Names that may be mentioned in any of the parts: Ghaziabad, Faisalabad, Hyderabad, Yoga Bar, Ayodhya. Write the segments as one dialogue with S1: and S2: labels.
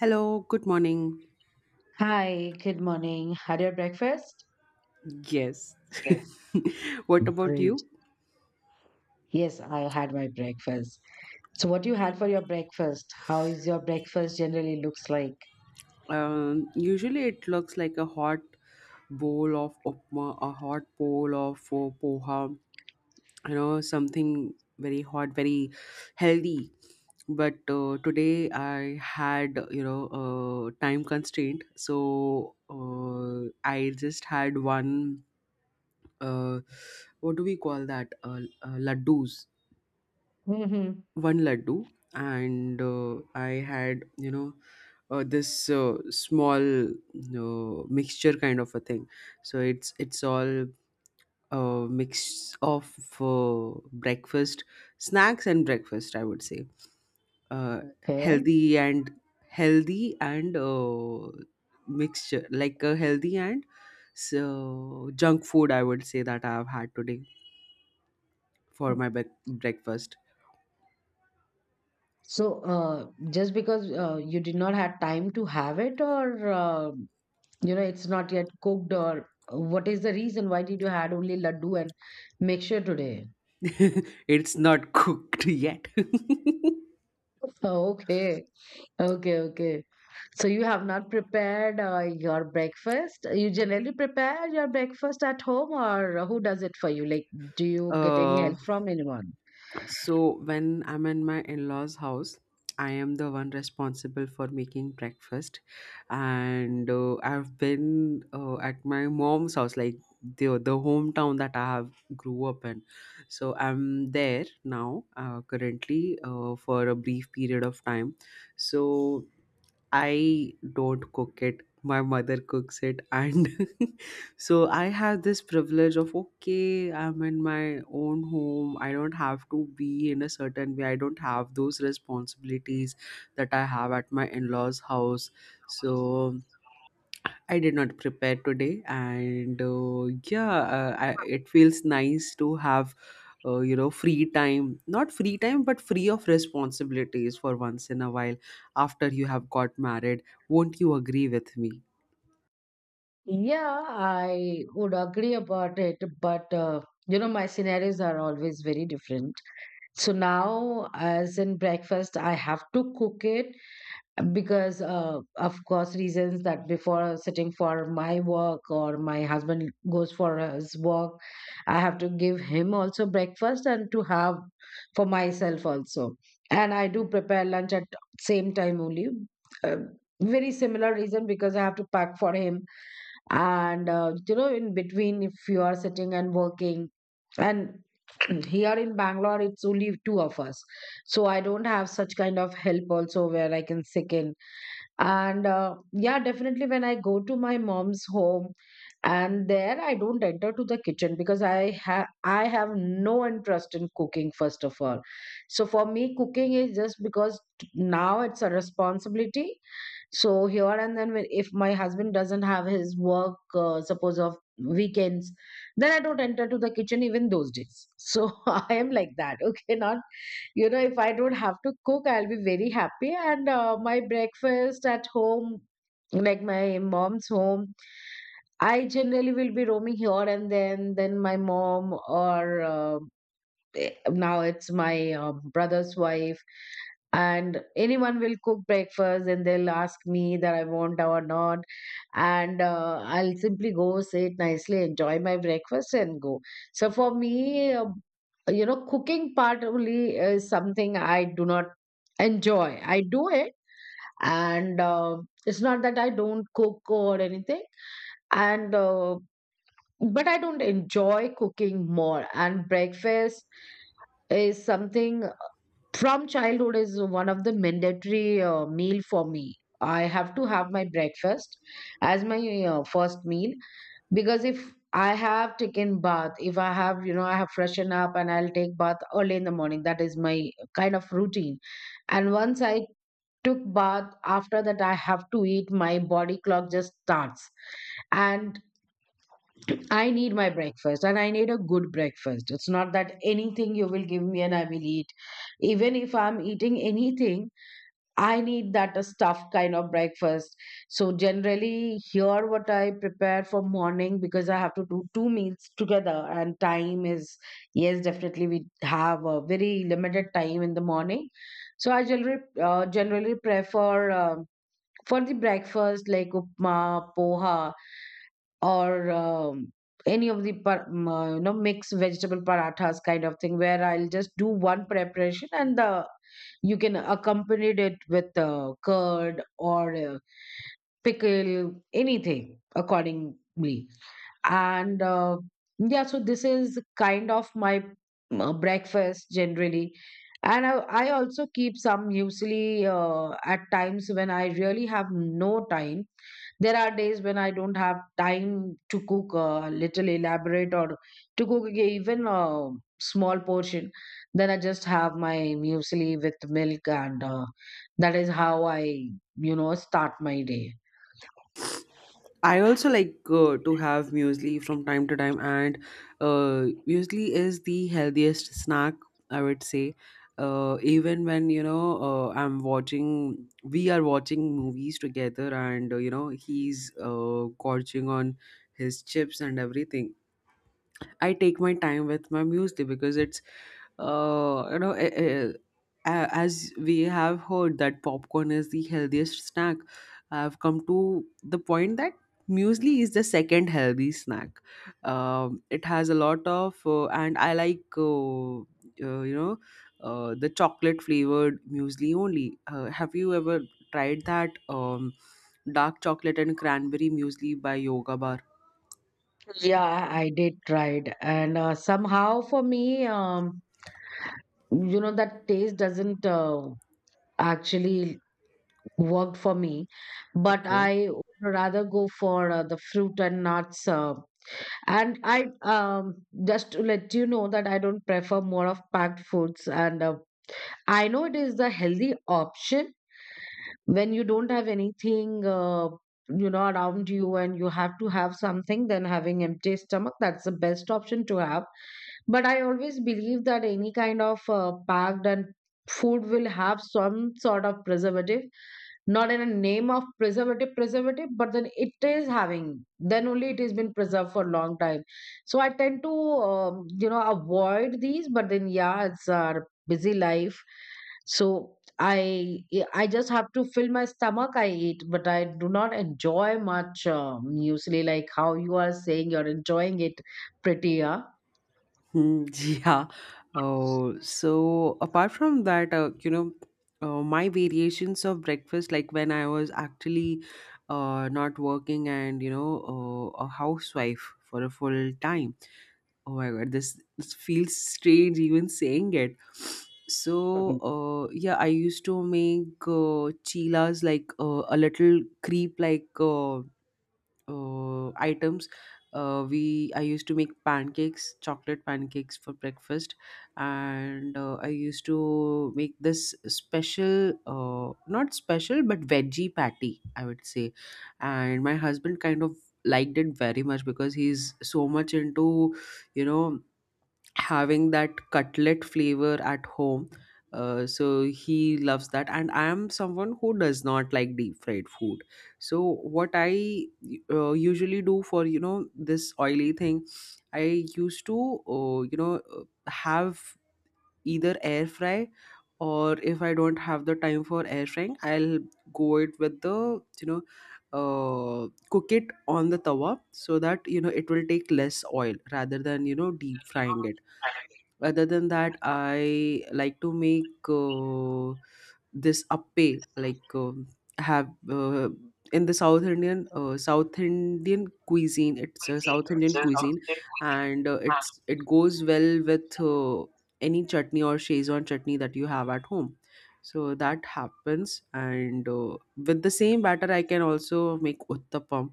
S1: Hello, good morning.
S2: Hi, good morning. Had your breakfast?
S1: Yes.
S2: Yeah.
S1: what about
S2: Great.
S1: you?
S2: Yes, I had my breakfast. So what you had for your breakfast? How is your breakfast generally looks like?
S1: Usually it looks like a hot bowl of upma, a hot bowl of poha, you know, something very hot, very healthy. But today I had, you know, time constraint, so I just had one. Uh, what do we call that? Laddus,
S2: Mm-hmm.
S1: one laddu and I had, this small, mixture kind of a thing. So it's all a mix of breakfast, snacks and breakfast, I would say, uh,
S2: Okay.
S1: healthy and healthy and mixture like a healthy and, so, junk food, I would say, that I have had today for my bec breakfast.
S2: So just because you did not have time to have it or, it's not yet cooked or, what is the reason why did you had only laddu and mixture today?
S1: It's not cooked yet.
S2: Oh, okay. Okay, okay. So you have not prepared your breakfast? You generally prepare your breakfast at home or who does it for you? Like, do you get any
S1: uh,
S2: help from anyone?
S1: so when I'm in my in-laws' house, I am the one responsible for making breakfast, and I've been at my mom's house, like the hometown that I have grew up in. So I'm there now, currently, for a brief period of time. So I don't cook it. My mother cooks it. And so I have this privilege of, okay, I'm in my own home. I don't have to be in a certain way. I don't have those responsibilities that I have at my in law's house. So I did not prepare today, and yeah, uh, I, it feels nice to have, free time. Not free time, but free of responsibilities for once in a while. After you have got married, won't you agree with me?
S2: Yeah, I would agree about it, but you know, my scenarios are always very different. So now, as in breakfast, I have to cook it because of course reasons that before sitting for my work or my husband goes for his work, I have to give him also breakfast and to have for myself also. And I do prepare lunch at same time only. uh, Very similar reason, because I have to pack for him, and in between if you are sitting and working and here in Bangalore it's only two of us, so I don't have such kind of help also where I can sick in. And yeah, definitely when I go to my mom's home, and there I don't enter to the kitchen because I have no interest in cooking first of all. So for me, cooking is just because now it's a responsibility. So here and then, when if my husband doesn't have his work, suppose of weekends, then I don't enter to the kitchen even those days. So I am like that. Okay, not, you know, if I don't have to cook, I'll be very happy. And my breakfast at home, like my mom's home, I generally will be roaming here and then. Then my mom or now it's my brother's wife and anyone will cook breakfast and they'll ask me that I want or not. And I'll simply go, sit nicely, enjoy my breakfast and go. So for me, cooking part only is something I do not enjoy. I do it, and it's not that I don't cook or anything, and but I don't enjoy cooking more. And breakfast is something from childhood is one of the mandatory meal for me. I have to have my breakfast as my first meal. Because if I have taken bath, if I have, you know, I have freshened up, and I'll take bath early in the morning, that is my kind of routine. And once I took bath, after that I have to eat. My body clock just starts, and I need my breakfast. And I need a good breakfast. It's not that anything you will give me and I will eat. Even if I'm eating anything, I need that a stuffed kind of breakfast. So generally here what I prepare for morning, because I have to do two meals together and time is, yes, definitely we have a very limited time in the morning. So I generally generally prefer for the breakfast like upma, poha, or any of the you know, mixed vegetable parathas kind of thing, where I'll just do one preparation, and the you can accompany it with curd or pickle, anything accordingly. And yeah, so this is kind of my breakfast generally. And I also keep some usually at times when I really have no time. There are days when I don't have time to cook a little elaborate or to cook even a small portion. Then I just have my muesli with milk, and that is how I, you know, start my day.
S1: I also like to have muesli from time to time, and muesli is the healthiest snack, I would say. Even when you know I'm watching, we are watching movies together, and you know he's gorging on his chips and everything. I take my time with my music because it's, uh, you know, eh, eh, as we have heard that popcorn is the healthiest snack, I've come to the point that muesli is the second healthy snack. It has a lot of, and I like, uh, you know, the chocolate flavored muesli only. Have you ever tried that dark chocolate and cranberry muesli by Yoga Bar?
S2: Yeah, I did try it, and somehow for me, you know, that taste doesn't actually work for me. But
S1: Okay.
S2: I would rather go for the fruit and nuts. And I, just to let you know that I don't prefer more of packed foods. And I know it is the healthy option when you don't have anything around you and you have to have something, then having empty stomach, that's the best option to have. But I always believe that any kind of packed and food will have some sort of preservative. Not in a name of preservative preservative, but then it is having, then only it has been preserved for a long time. So I tend to you know, avoid these. But then yeah, it's our busy life, so I just have to fill my stomach. I eat, but I do not enjoy much, usually, like how you are saying you're enjoying it prettier.
S1: Hmm, yeah. Oh, so apart from that, my variations of breakfast, like when I was actually not working and, you know, a housewife for a full time. Oh my God, this feels strange even saying it. So,
S2: Mhm.
S1: yeah, I used to make chilas like a little creep, like. Items. We I used to make pancakes, chocolate pancakes for breakfast, and I used to make this special, not special, but veggie patty, I would say. And my husband kind of liked it very much because he's so much into, you know, having that cutlet flavor at home. So he loves that, and I am someone who does not like deep fried food. So what I usually do for, you know, this oily thing, I used to, have either air fry, or if I don't have the time for air frying, I'll go it with the, you know, cook it on the tawa so that, you know, it will take less oil rather than, you know, deep frying it. Other than that, I like to make this appe, like have in the south Indian south indian cuisine it's a South Indian cuisine, and it goes well with any chutney or shezwan chutney that you have at home. So that happens, and with the same batter I can also make uttapam,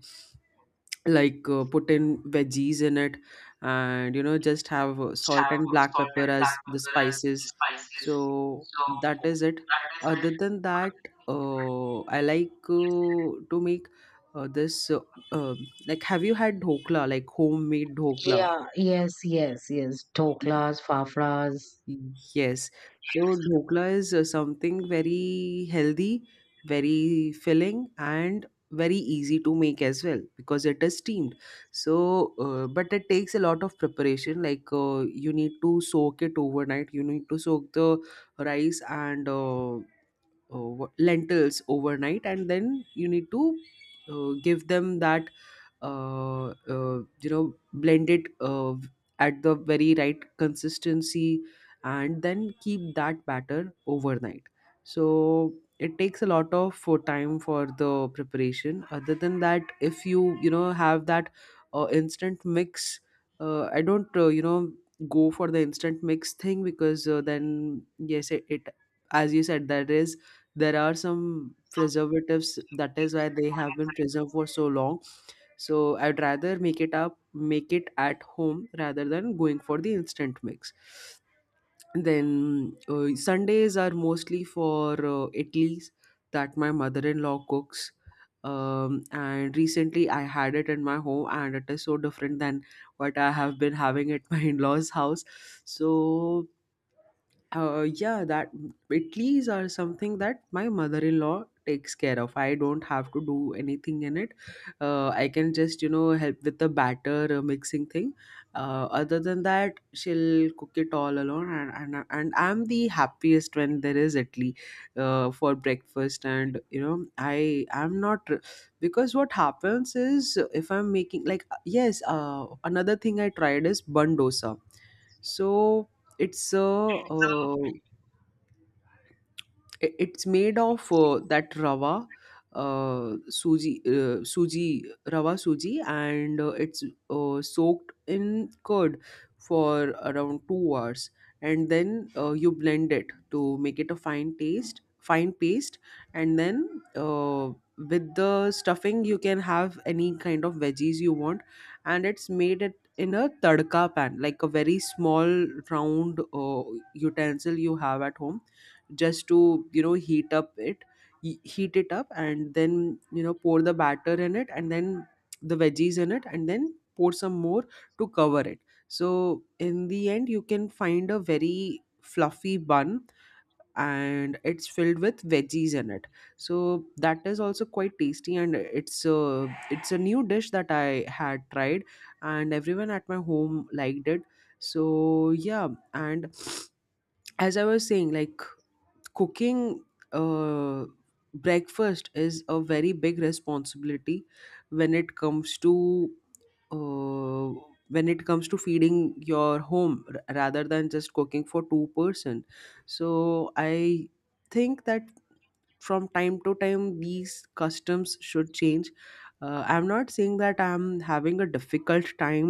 S1: like put in veggies in it, and, you know, just have salt and black pepper as the spices. So that is it. Other than that, I like to make this um like, have you had dhokla, like homemade dhokla?
S2: Yeah, yes, yes, yes, doklas, fafras.
S1: Yes. So dhokla is something very healthy, very filling, and very easy to make as well because it is steamed. So, but it takes a lot of preparation. Like you need to soak it overnight. You need to soak the rice and lentils overnight, and then you need to give them that uh, uh, you know, blend it at the very right consistency, and then keep that batter overnight. So it takes a lot of for time for the preparation. Other than that, if you, you know, have that instant mix, I don't, you know, go for the instant mix thing, because then yes, it, as you said, there is, there are some preservatives, that is why they have been preserved for so long. So I'd rather make it at home rather than going for the instant mix. Then Sundays are mostly for idlis that my mother-in-law cooks. And recently I had it in my home, and it is so different than what I have been having at my in-laws house. So yeah, that Italy's are something that my mother-in-law takes care of. I don't have to do anything in it. I can just, you know, help with the batter mixing thing. Other than that, she'll cook it all alone, and and I'm the happiest when there is Italy for breakfast. And, you know, I'm not because what happens is if I'm making like yes, another thing I tried is bun dosa. So it's a, it's made of that rava, uh, suji, rava suji, and it's soaked in curd for around 2 hours, and then you blend it to make it a fine paste, and then, uh, with the stuffing, you can have any kind of veggies you want, and it's made it in a tadka pan, like a very small round utensil you have at home, just to, you know, heat up it heat it up, and then, you know, pour the batter in it, and then the veggies in it, and then pour some more to cover it. So in the end you can find a very fluffy bun, and it's filled with veggies in it. So that is also quite tasty, and it's a new dish that I had tried, and everyone at my home liked it. So yeah. And as I was saying, like, cooking uh, breakfast is a very big responsibility when it comes to, uh, when it comes to feeding your home, rather than just cooking for two person. So I think that from time to time these customs should change. I'm not saying that I'm having a difficult time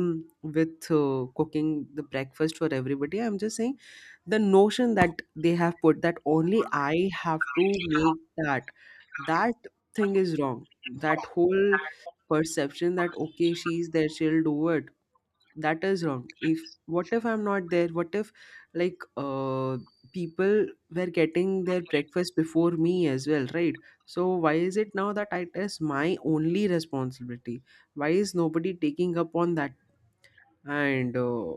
S1: with cooking the breakfast for everybody. I'm just saying the notion that they have put, that only I have to make that, that thing is wrong. That whole perception that, okay, she's there, she'll do it, that is wrong. If, what if I'm not there? What if, like uh people were getting their breakfast before me as well, right? So why is it now that it is my only responsibility? Why is nobody taking up on that? And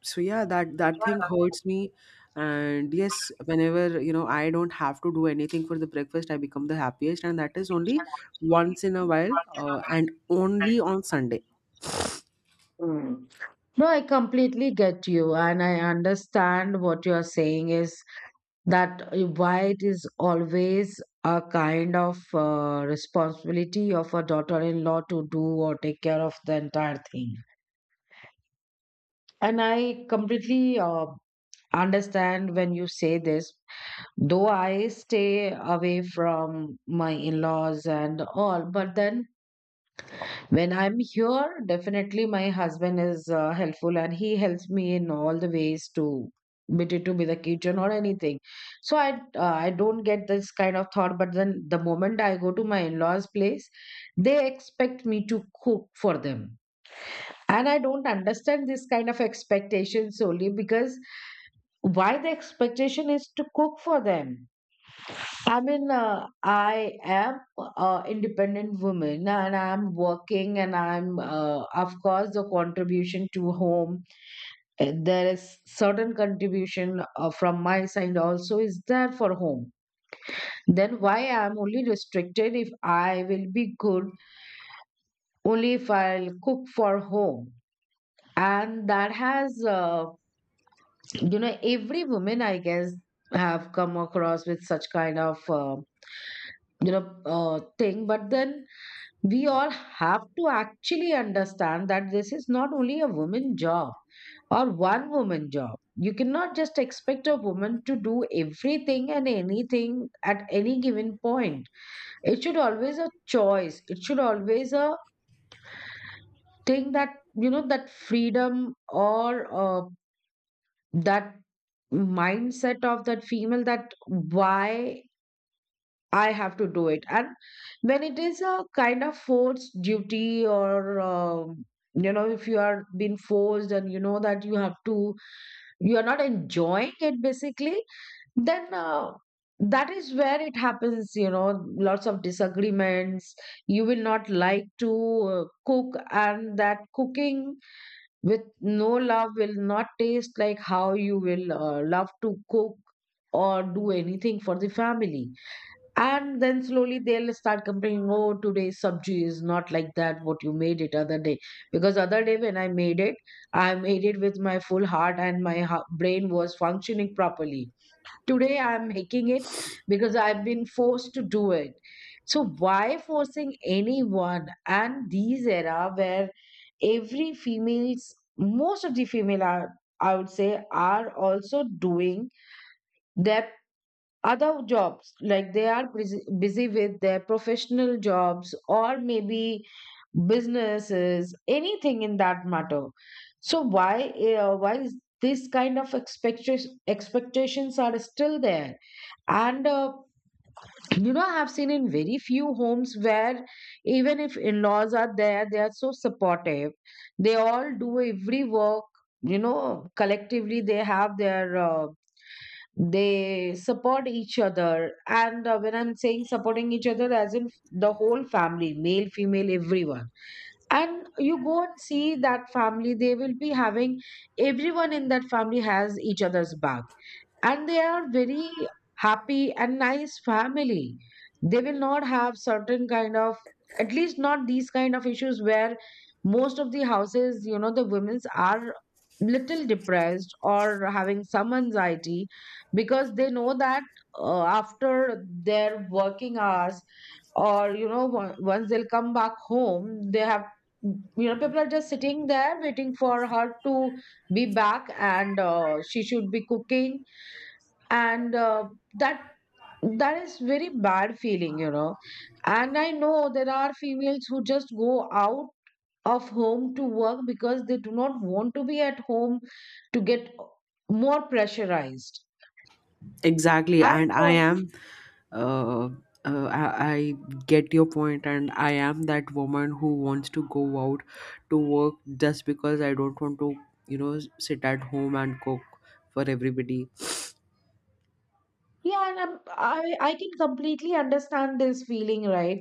S1: so yeah, that thing hurts me. And yes, whenever, you know, I don't have to do anything for the breakfast, I become the happiest, and that is only once in a while, and only on Sunday.
S2: No, I completely get you, and I understand what you're saying is that why it is always a kind of responsibility of a daughter in law to do or take care of the entire thing. And I completely understand when you say this, though I stay away from my in laws and all, but then when I'm here, definitely my husband is helpful, and he helps me in all the ways to be it, to be the kitchen or anything. So I, I don't get this kind of thought. But then the moment I go to my in-laws' place, they expect me to cook for them, and I don't understand this kind of expectation solely because why the expectation is to cook for them. I mean, I am an independent woman, and I'm working, and I'm, of course, the contribution to home. There is certain contribution from my side also is there for home. Then why I'm only restricted if I will be good only if I'll cook for home. And that has, every woman, I guess, have come across with such kind of, you know, thing. But then we all have to actually understand that this is not only a woman job or one woman job. You cannot just expect a woman to do everything and anything at any given point. It should always a choice. It should always a thing that, you know, that freedom, or uh, that mindset of that female that why I have to do it. And when it is a kind of forced duty, or you know, if you are being forced and you know that you have to, you are not enjoying it basically, then that is where it happens. You know, lots of disagreements. You will not like to cook, and that cooking with no love will not taste like how you will love to cook or do anything for the family. And then slowly they'll start complaining, oh, today's sabji is not like that, what you made it other day. Because other day when I made it with my full heart and my brain was functioning properly. Today I'm making it because I've been forced to do it. So why forcing anyone? And these era where every females, most of the female are, I would say, are also doing their other jobs, like they are busy with their professional jobs, or maybe businesses, anything in that matter. So why is this kind of expectations are still there? And you know, I have seen in very few homes where even if in-laws are there, they are so supportive. They all do every work. You know, collectively they have their they support each other. And when I'm saying supporting each other as in the whole family, male, female, everyone. And you go and see that family, they will be having everyone in that family has each other's back, and they are very happy and nice family. They will not have certain kind of, at least not these kind of issues where most of the houses, you know, the women's are little depressed or having some anxiety because they know that after their working hours, or you know, once they'll come back home, they have, you know, people are just sitting there waiting for her to be back, and she should be cooking. And that, that is very bad feeling, you know. And I know there are females who just go out of home to work because they do not want to be at home to get more pressurized.
S1: Exactly,
S2: And
S1: and I am uh, I get your point, and I am that woman who wants to go out to work just because I don't want to, you know, sit at home and cook for everybody.
S2: yeah. And I'm, I can completely understand this feeling, right?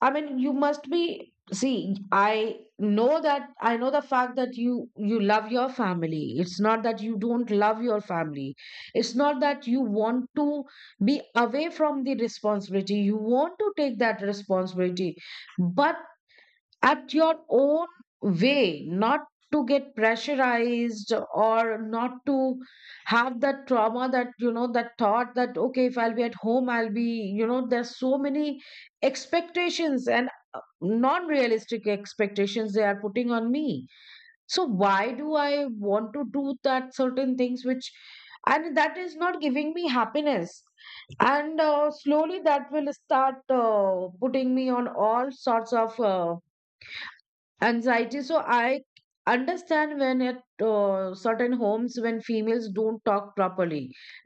S2: I mean, you must be. See, I know that, I know the fact that you love your family. It's not that you don't love your family. It's not that you want to be away from the responsibility. You want to take that responsibility, but at your own way, not to get pressurized or not to have that trauma, that you know, that thought that okay, if I'll be at home, I'll be, you know, there's so many expectations and non-realistic expectations they are putting on me. So why do I want to do that, certain things which, and that is not giving me happiness, and slowly that will start putting me on all sorts of anxiety. So I understand when at certain homes, when females don't talk properly,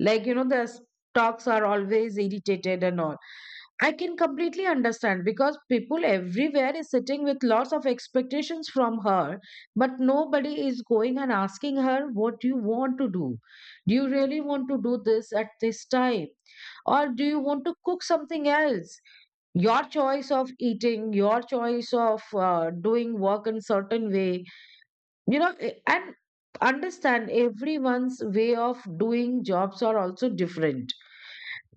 S2: like, you know, the talks are always irritated and all. I can completely understand because people everywhere is sitting with lots of expectations from her, but nobody is going and asking her, what do you want to do? Do you really want to do this at this time? Or do you want to cook something else? Your choice of eating, your choice of doing work in certain way, you know, and understand everyone's way of doing jobs are also different.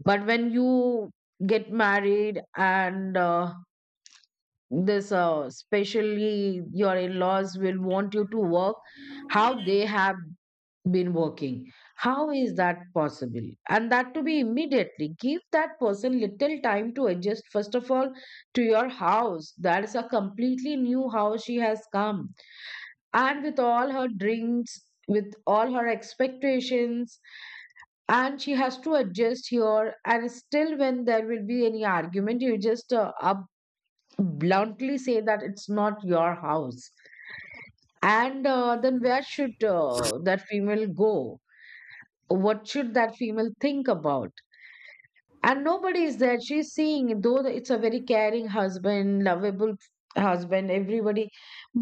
S2: But when you get married, and this, especially your in-laws will want you to work how they have been working. How is that possible? And that to be immediately, give that person little time to adjust, first of all, to your house. That is a completely new house she has come, and with all her drinks, with all her expectations, and she has to adjust here. And still, when there will be any argument, you just up bluntly say that it's not your house. And then where should that female go? What should that female think about? And nobody is there. She's seeing, though, it's a very caring husband, lovable husband, everybody,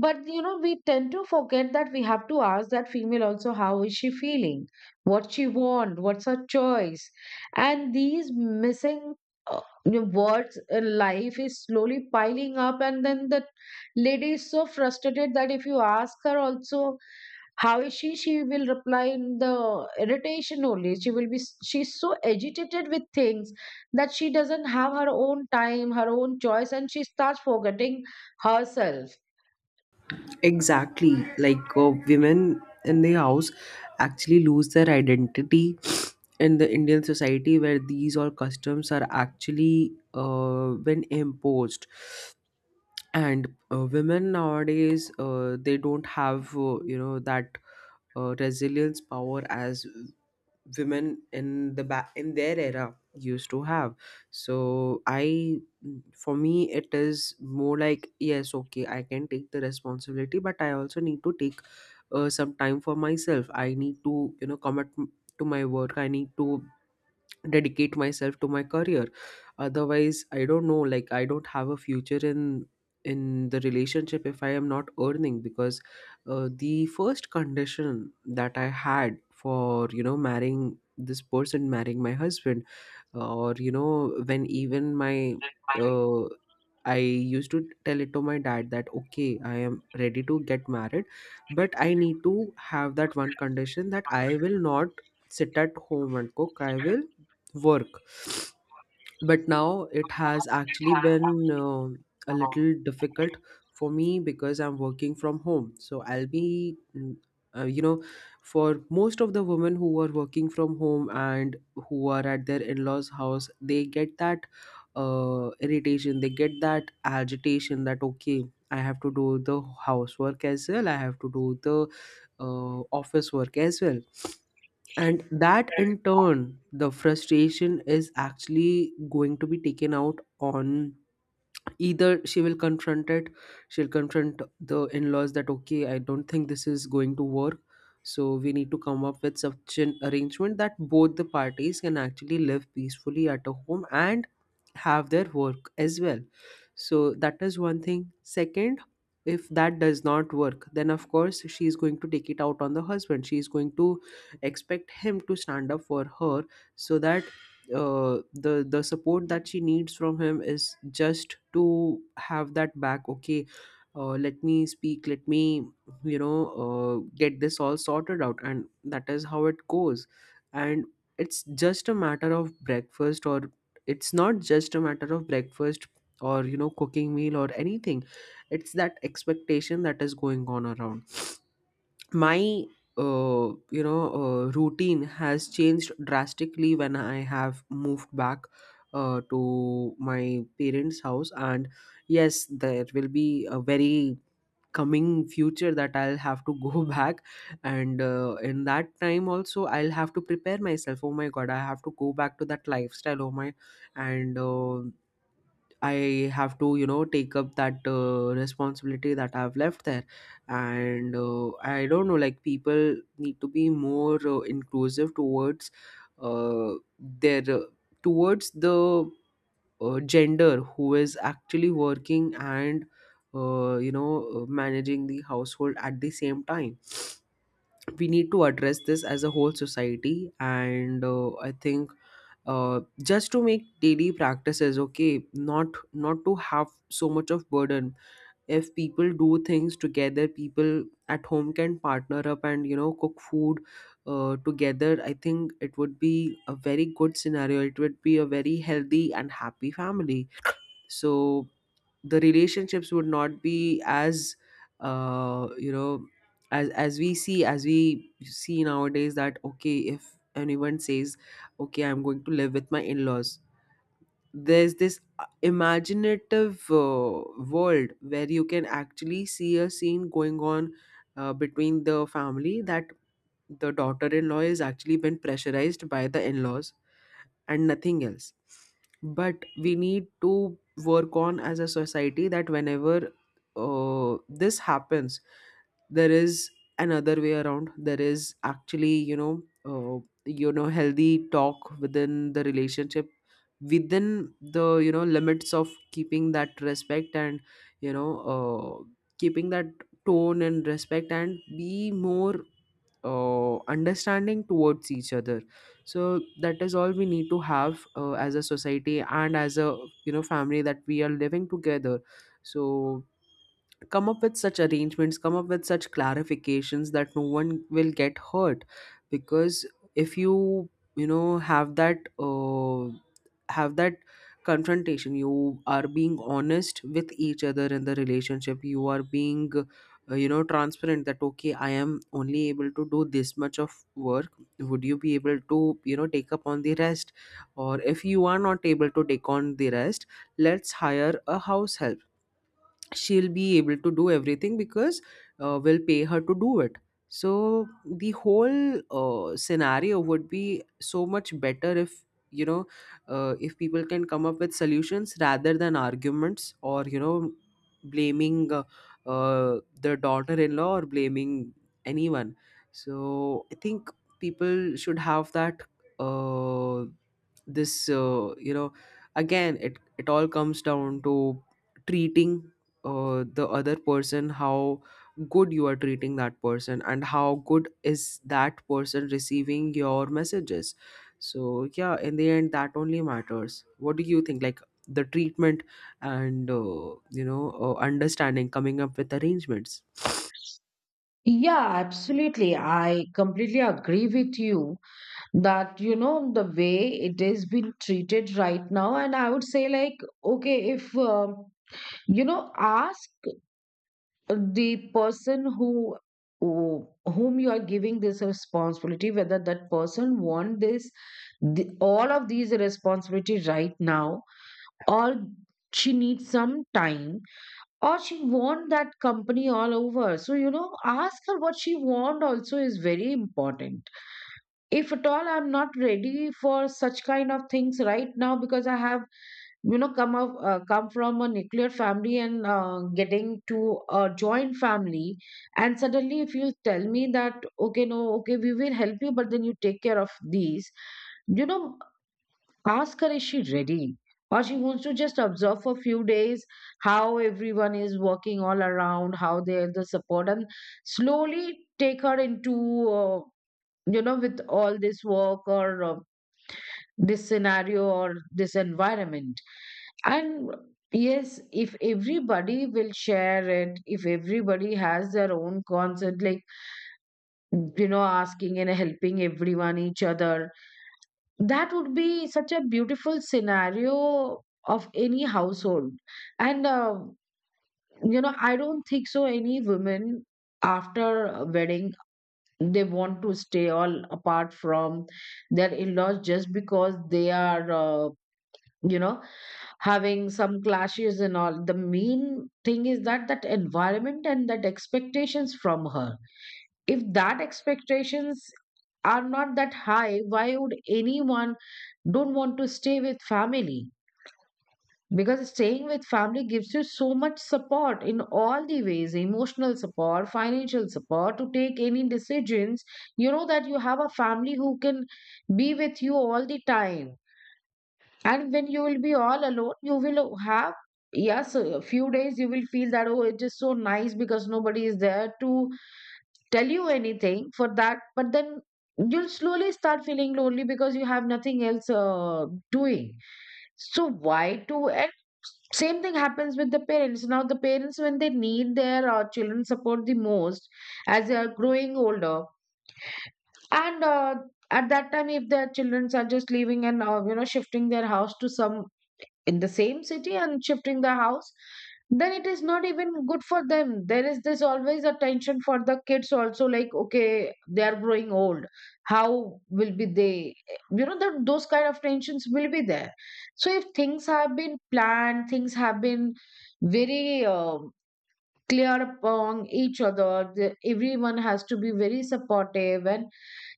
S2: but you know, we tend to forget that we have to ask that female also, how is she feeling, what she want, what's her choice. And these missing, you know, words in life is slowly piling up, and then the lady is so frustrated that if you ask her also, how is she? She will reply in the irritation only. She will be, she's so agitated with things that she doesn't have her own time, her own choice, and she starts forgetting herself.
S1: Exactly. Like, women in the house actually lose their identity in the Indian society where these all customs are actually been imposed. And Women nowadays, they don't have, that resilience power as women in the back in their era used to have. So I For me it is more like yes, okay, I can take the responsibility, but I also need to take some time for myself. I need to commit to my work. I need to dedicate myself to my career, otherwise I don't know, like, I don't have a future in the relationship if I am not earning. Because the first condition that I had for, you know, marrying this person, marrying my husband, or, you know, when even my uh, I used to tell it to my dad that okay, I am ready to get married, but I need to have that one condition, that I will not sit at home and cook, I will work. But now it has actually been a little difficult for me because I'm working from home. So I'll be you know, for most of the women who are working from home and who are at their in-laws house, they get that irritation, they get that agitation that okay, I have to do the housework as well, I have to do the office work as well. And that in turn, the frustration is actually going to be taken out on, either she will confront it, she'll confront the in-laws that okay, I don't think this is going to work, so we need to come up with such an arrangement that both the parties can actually live peacefully at a home and have their work as well. So that is one thing. Second, if that does not work, then of course she is going to take it out on the husband. She is going to expect him to stand up for her. So that the support that she needs from him is just to have that back. Okay, let me speak, let me, you know, get this all sorted out. And that is how it goes. And it's just a matter of breakfast, or it's not just a matter of breakfast or, you know, cooking meal or anything. It's that expectation that is going on around my routine has changed drastically when I have moved back to my parents house. And yes, there will be a very coming future that I'll have to go back. And in that time also, I'll have to prepare myself, oh my god, I have to go back to that lifestyle, oh my. And I have to, you know, take up that responsibility that I've left there. And I don't know, like, people need to be more inclusive towards uh, their, uh, towards the gender who is actually working and, managing the household at the same time. We need to address this as a whole society. And I think just to make daily practices okay, not to have so much of burden. If people do things together, people at home can partner up and, you know, cook food together, I think it would be a very good scenario, it would be a very healthy and happy family. So the relationships would not be as uh, you know as we see, as we see nowadays, that okay, if anyone says okay, I'm going to live with my in-laws, there's this imaginative world where you can actually see a scene going on between the family, that the daughter-in-law is actually been pressurized by the in-laws and nothing else. But we need to work on as a society that whenever this happens, there is another way around. There is actually, healthy talk within the relationship, within the, you know, limits of keeping that respect and, you know uh, keeping that tone and respect, and be more understanding towards each other. So that is all we need to have as a society and as a, you know, family that we are living together. So come up with such arrangements, come up with such clarifications that no one will get hurt. Because if you, you know have that have that confrontation, you are being honest with each other in the relationship, you are being transparent that okay, I am only able to do this much of work, would you be able to, you know, take up on the rest? Or if you are not able to take on the rest, let's hire a house help, she'll be able to do everything because we'll pay her to do it. So the whole scenario would be so much better if, you know if people can come up with solutions rather than arguments, or, you know, blaming the daughter-in-law or blaming anyone. So I think people should have that uh, this you know again, it all comes down to treating the other person, how good you are treating that person and how good is that person receiving your messages. So yeah, in the end, that only matters. What do you think, like, the treatment and, understanding, coming up with arrangements.
S2: Yeah, absolutely. I completely agree with you that, you know, the way it is being treated right now. And I would say, like, okay, if, you know, ask the person who who- whom you are giving this responsibility, whether that person want this, the, all of these responsibility right now, or she needs some time, or she want that company all over. So you know, ask her what she want also is very important. If at all, I'm not ready for such kind of things right now, because I have, you know, come from a nuclear family, and getting to a joint family, and suddenly if you tell me that okay, no, okay, we will help you, but then you take care of these, you know, ask her, is she ready, or she wants to just observe for a few days how everyone is working all around, how they're the support, and slowly take her into uh, you know, with all this work, or this scenario or this environment. And yes, if everybody will share it, if everybody has their own concert, like, you know, asking and helping everyone, each other, that would be such a beautiful scenario of any household. And, you know, I don't think so any women after a wedding, they want to stay all apart from their in laws, just because they are. You know, having some clashes and all, the main thing is that that environment and that expectations from her. If that expectations are not that high, why would anyone don't want to stay with family? Because staying with family gives you so much support in all the ways, emotional support, financial support, to take any decisions. You know that you have a family who can be with you all the time. And when you will be all alone, you will have, yes, a few days you will feel that oh, it is so nice because nobody is there to tell you anything for that, but then you'll slowly start feeling lonely because you have nothing else doing. So why to, and same thing happens with the parents. Now the parents, when they need their children support the most, as they are growing older, and at that time if their children are just leaving and you know, shifting their house to some, in the same city and shifting the house, then it is not even good for them. There is this always a tension for the kids also, like okay, they are growing old, how will be they, you know, that those kind of tensions will be there. So if things have been planned, things have been very clear upon each other, the, everyone has to be very supportive and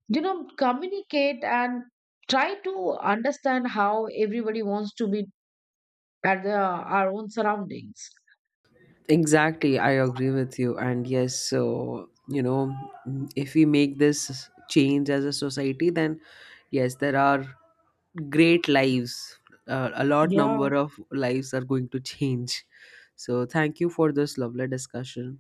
S2: you know, communicate and try to understand how everybody wants to be at the, our own surroundings.
S1: Exactly, I agree with you. And yes, so, you know, mm, if we make this change as a society, then yes, there are great lives. A lot
S2: Yeah,
S1: number of lives are going to change. So, thank you for this lovely discussion.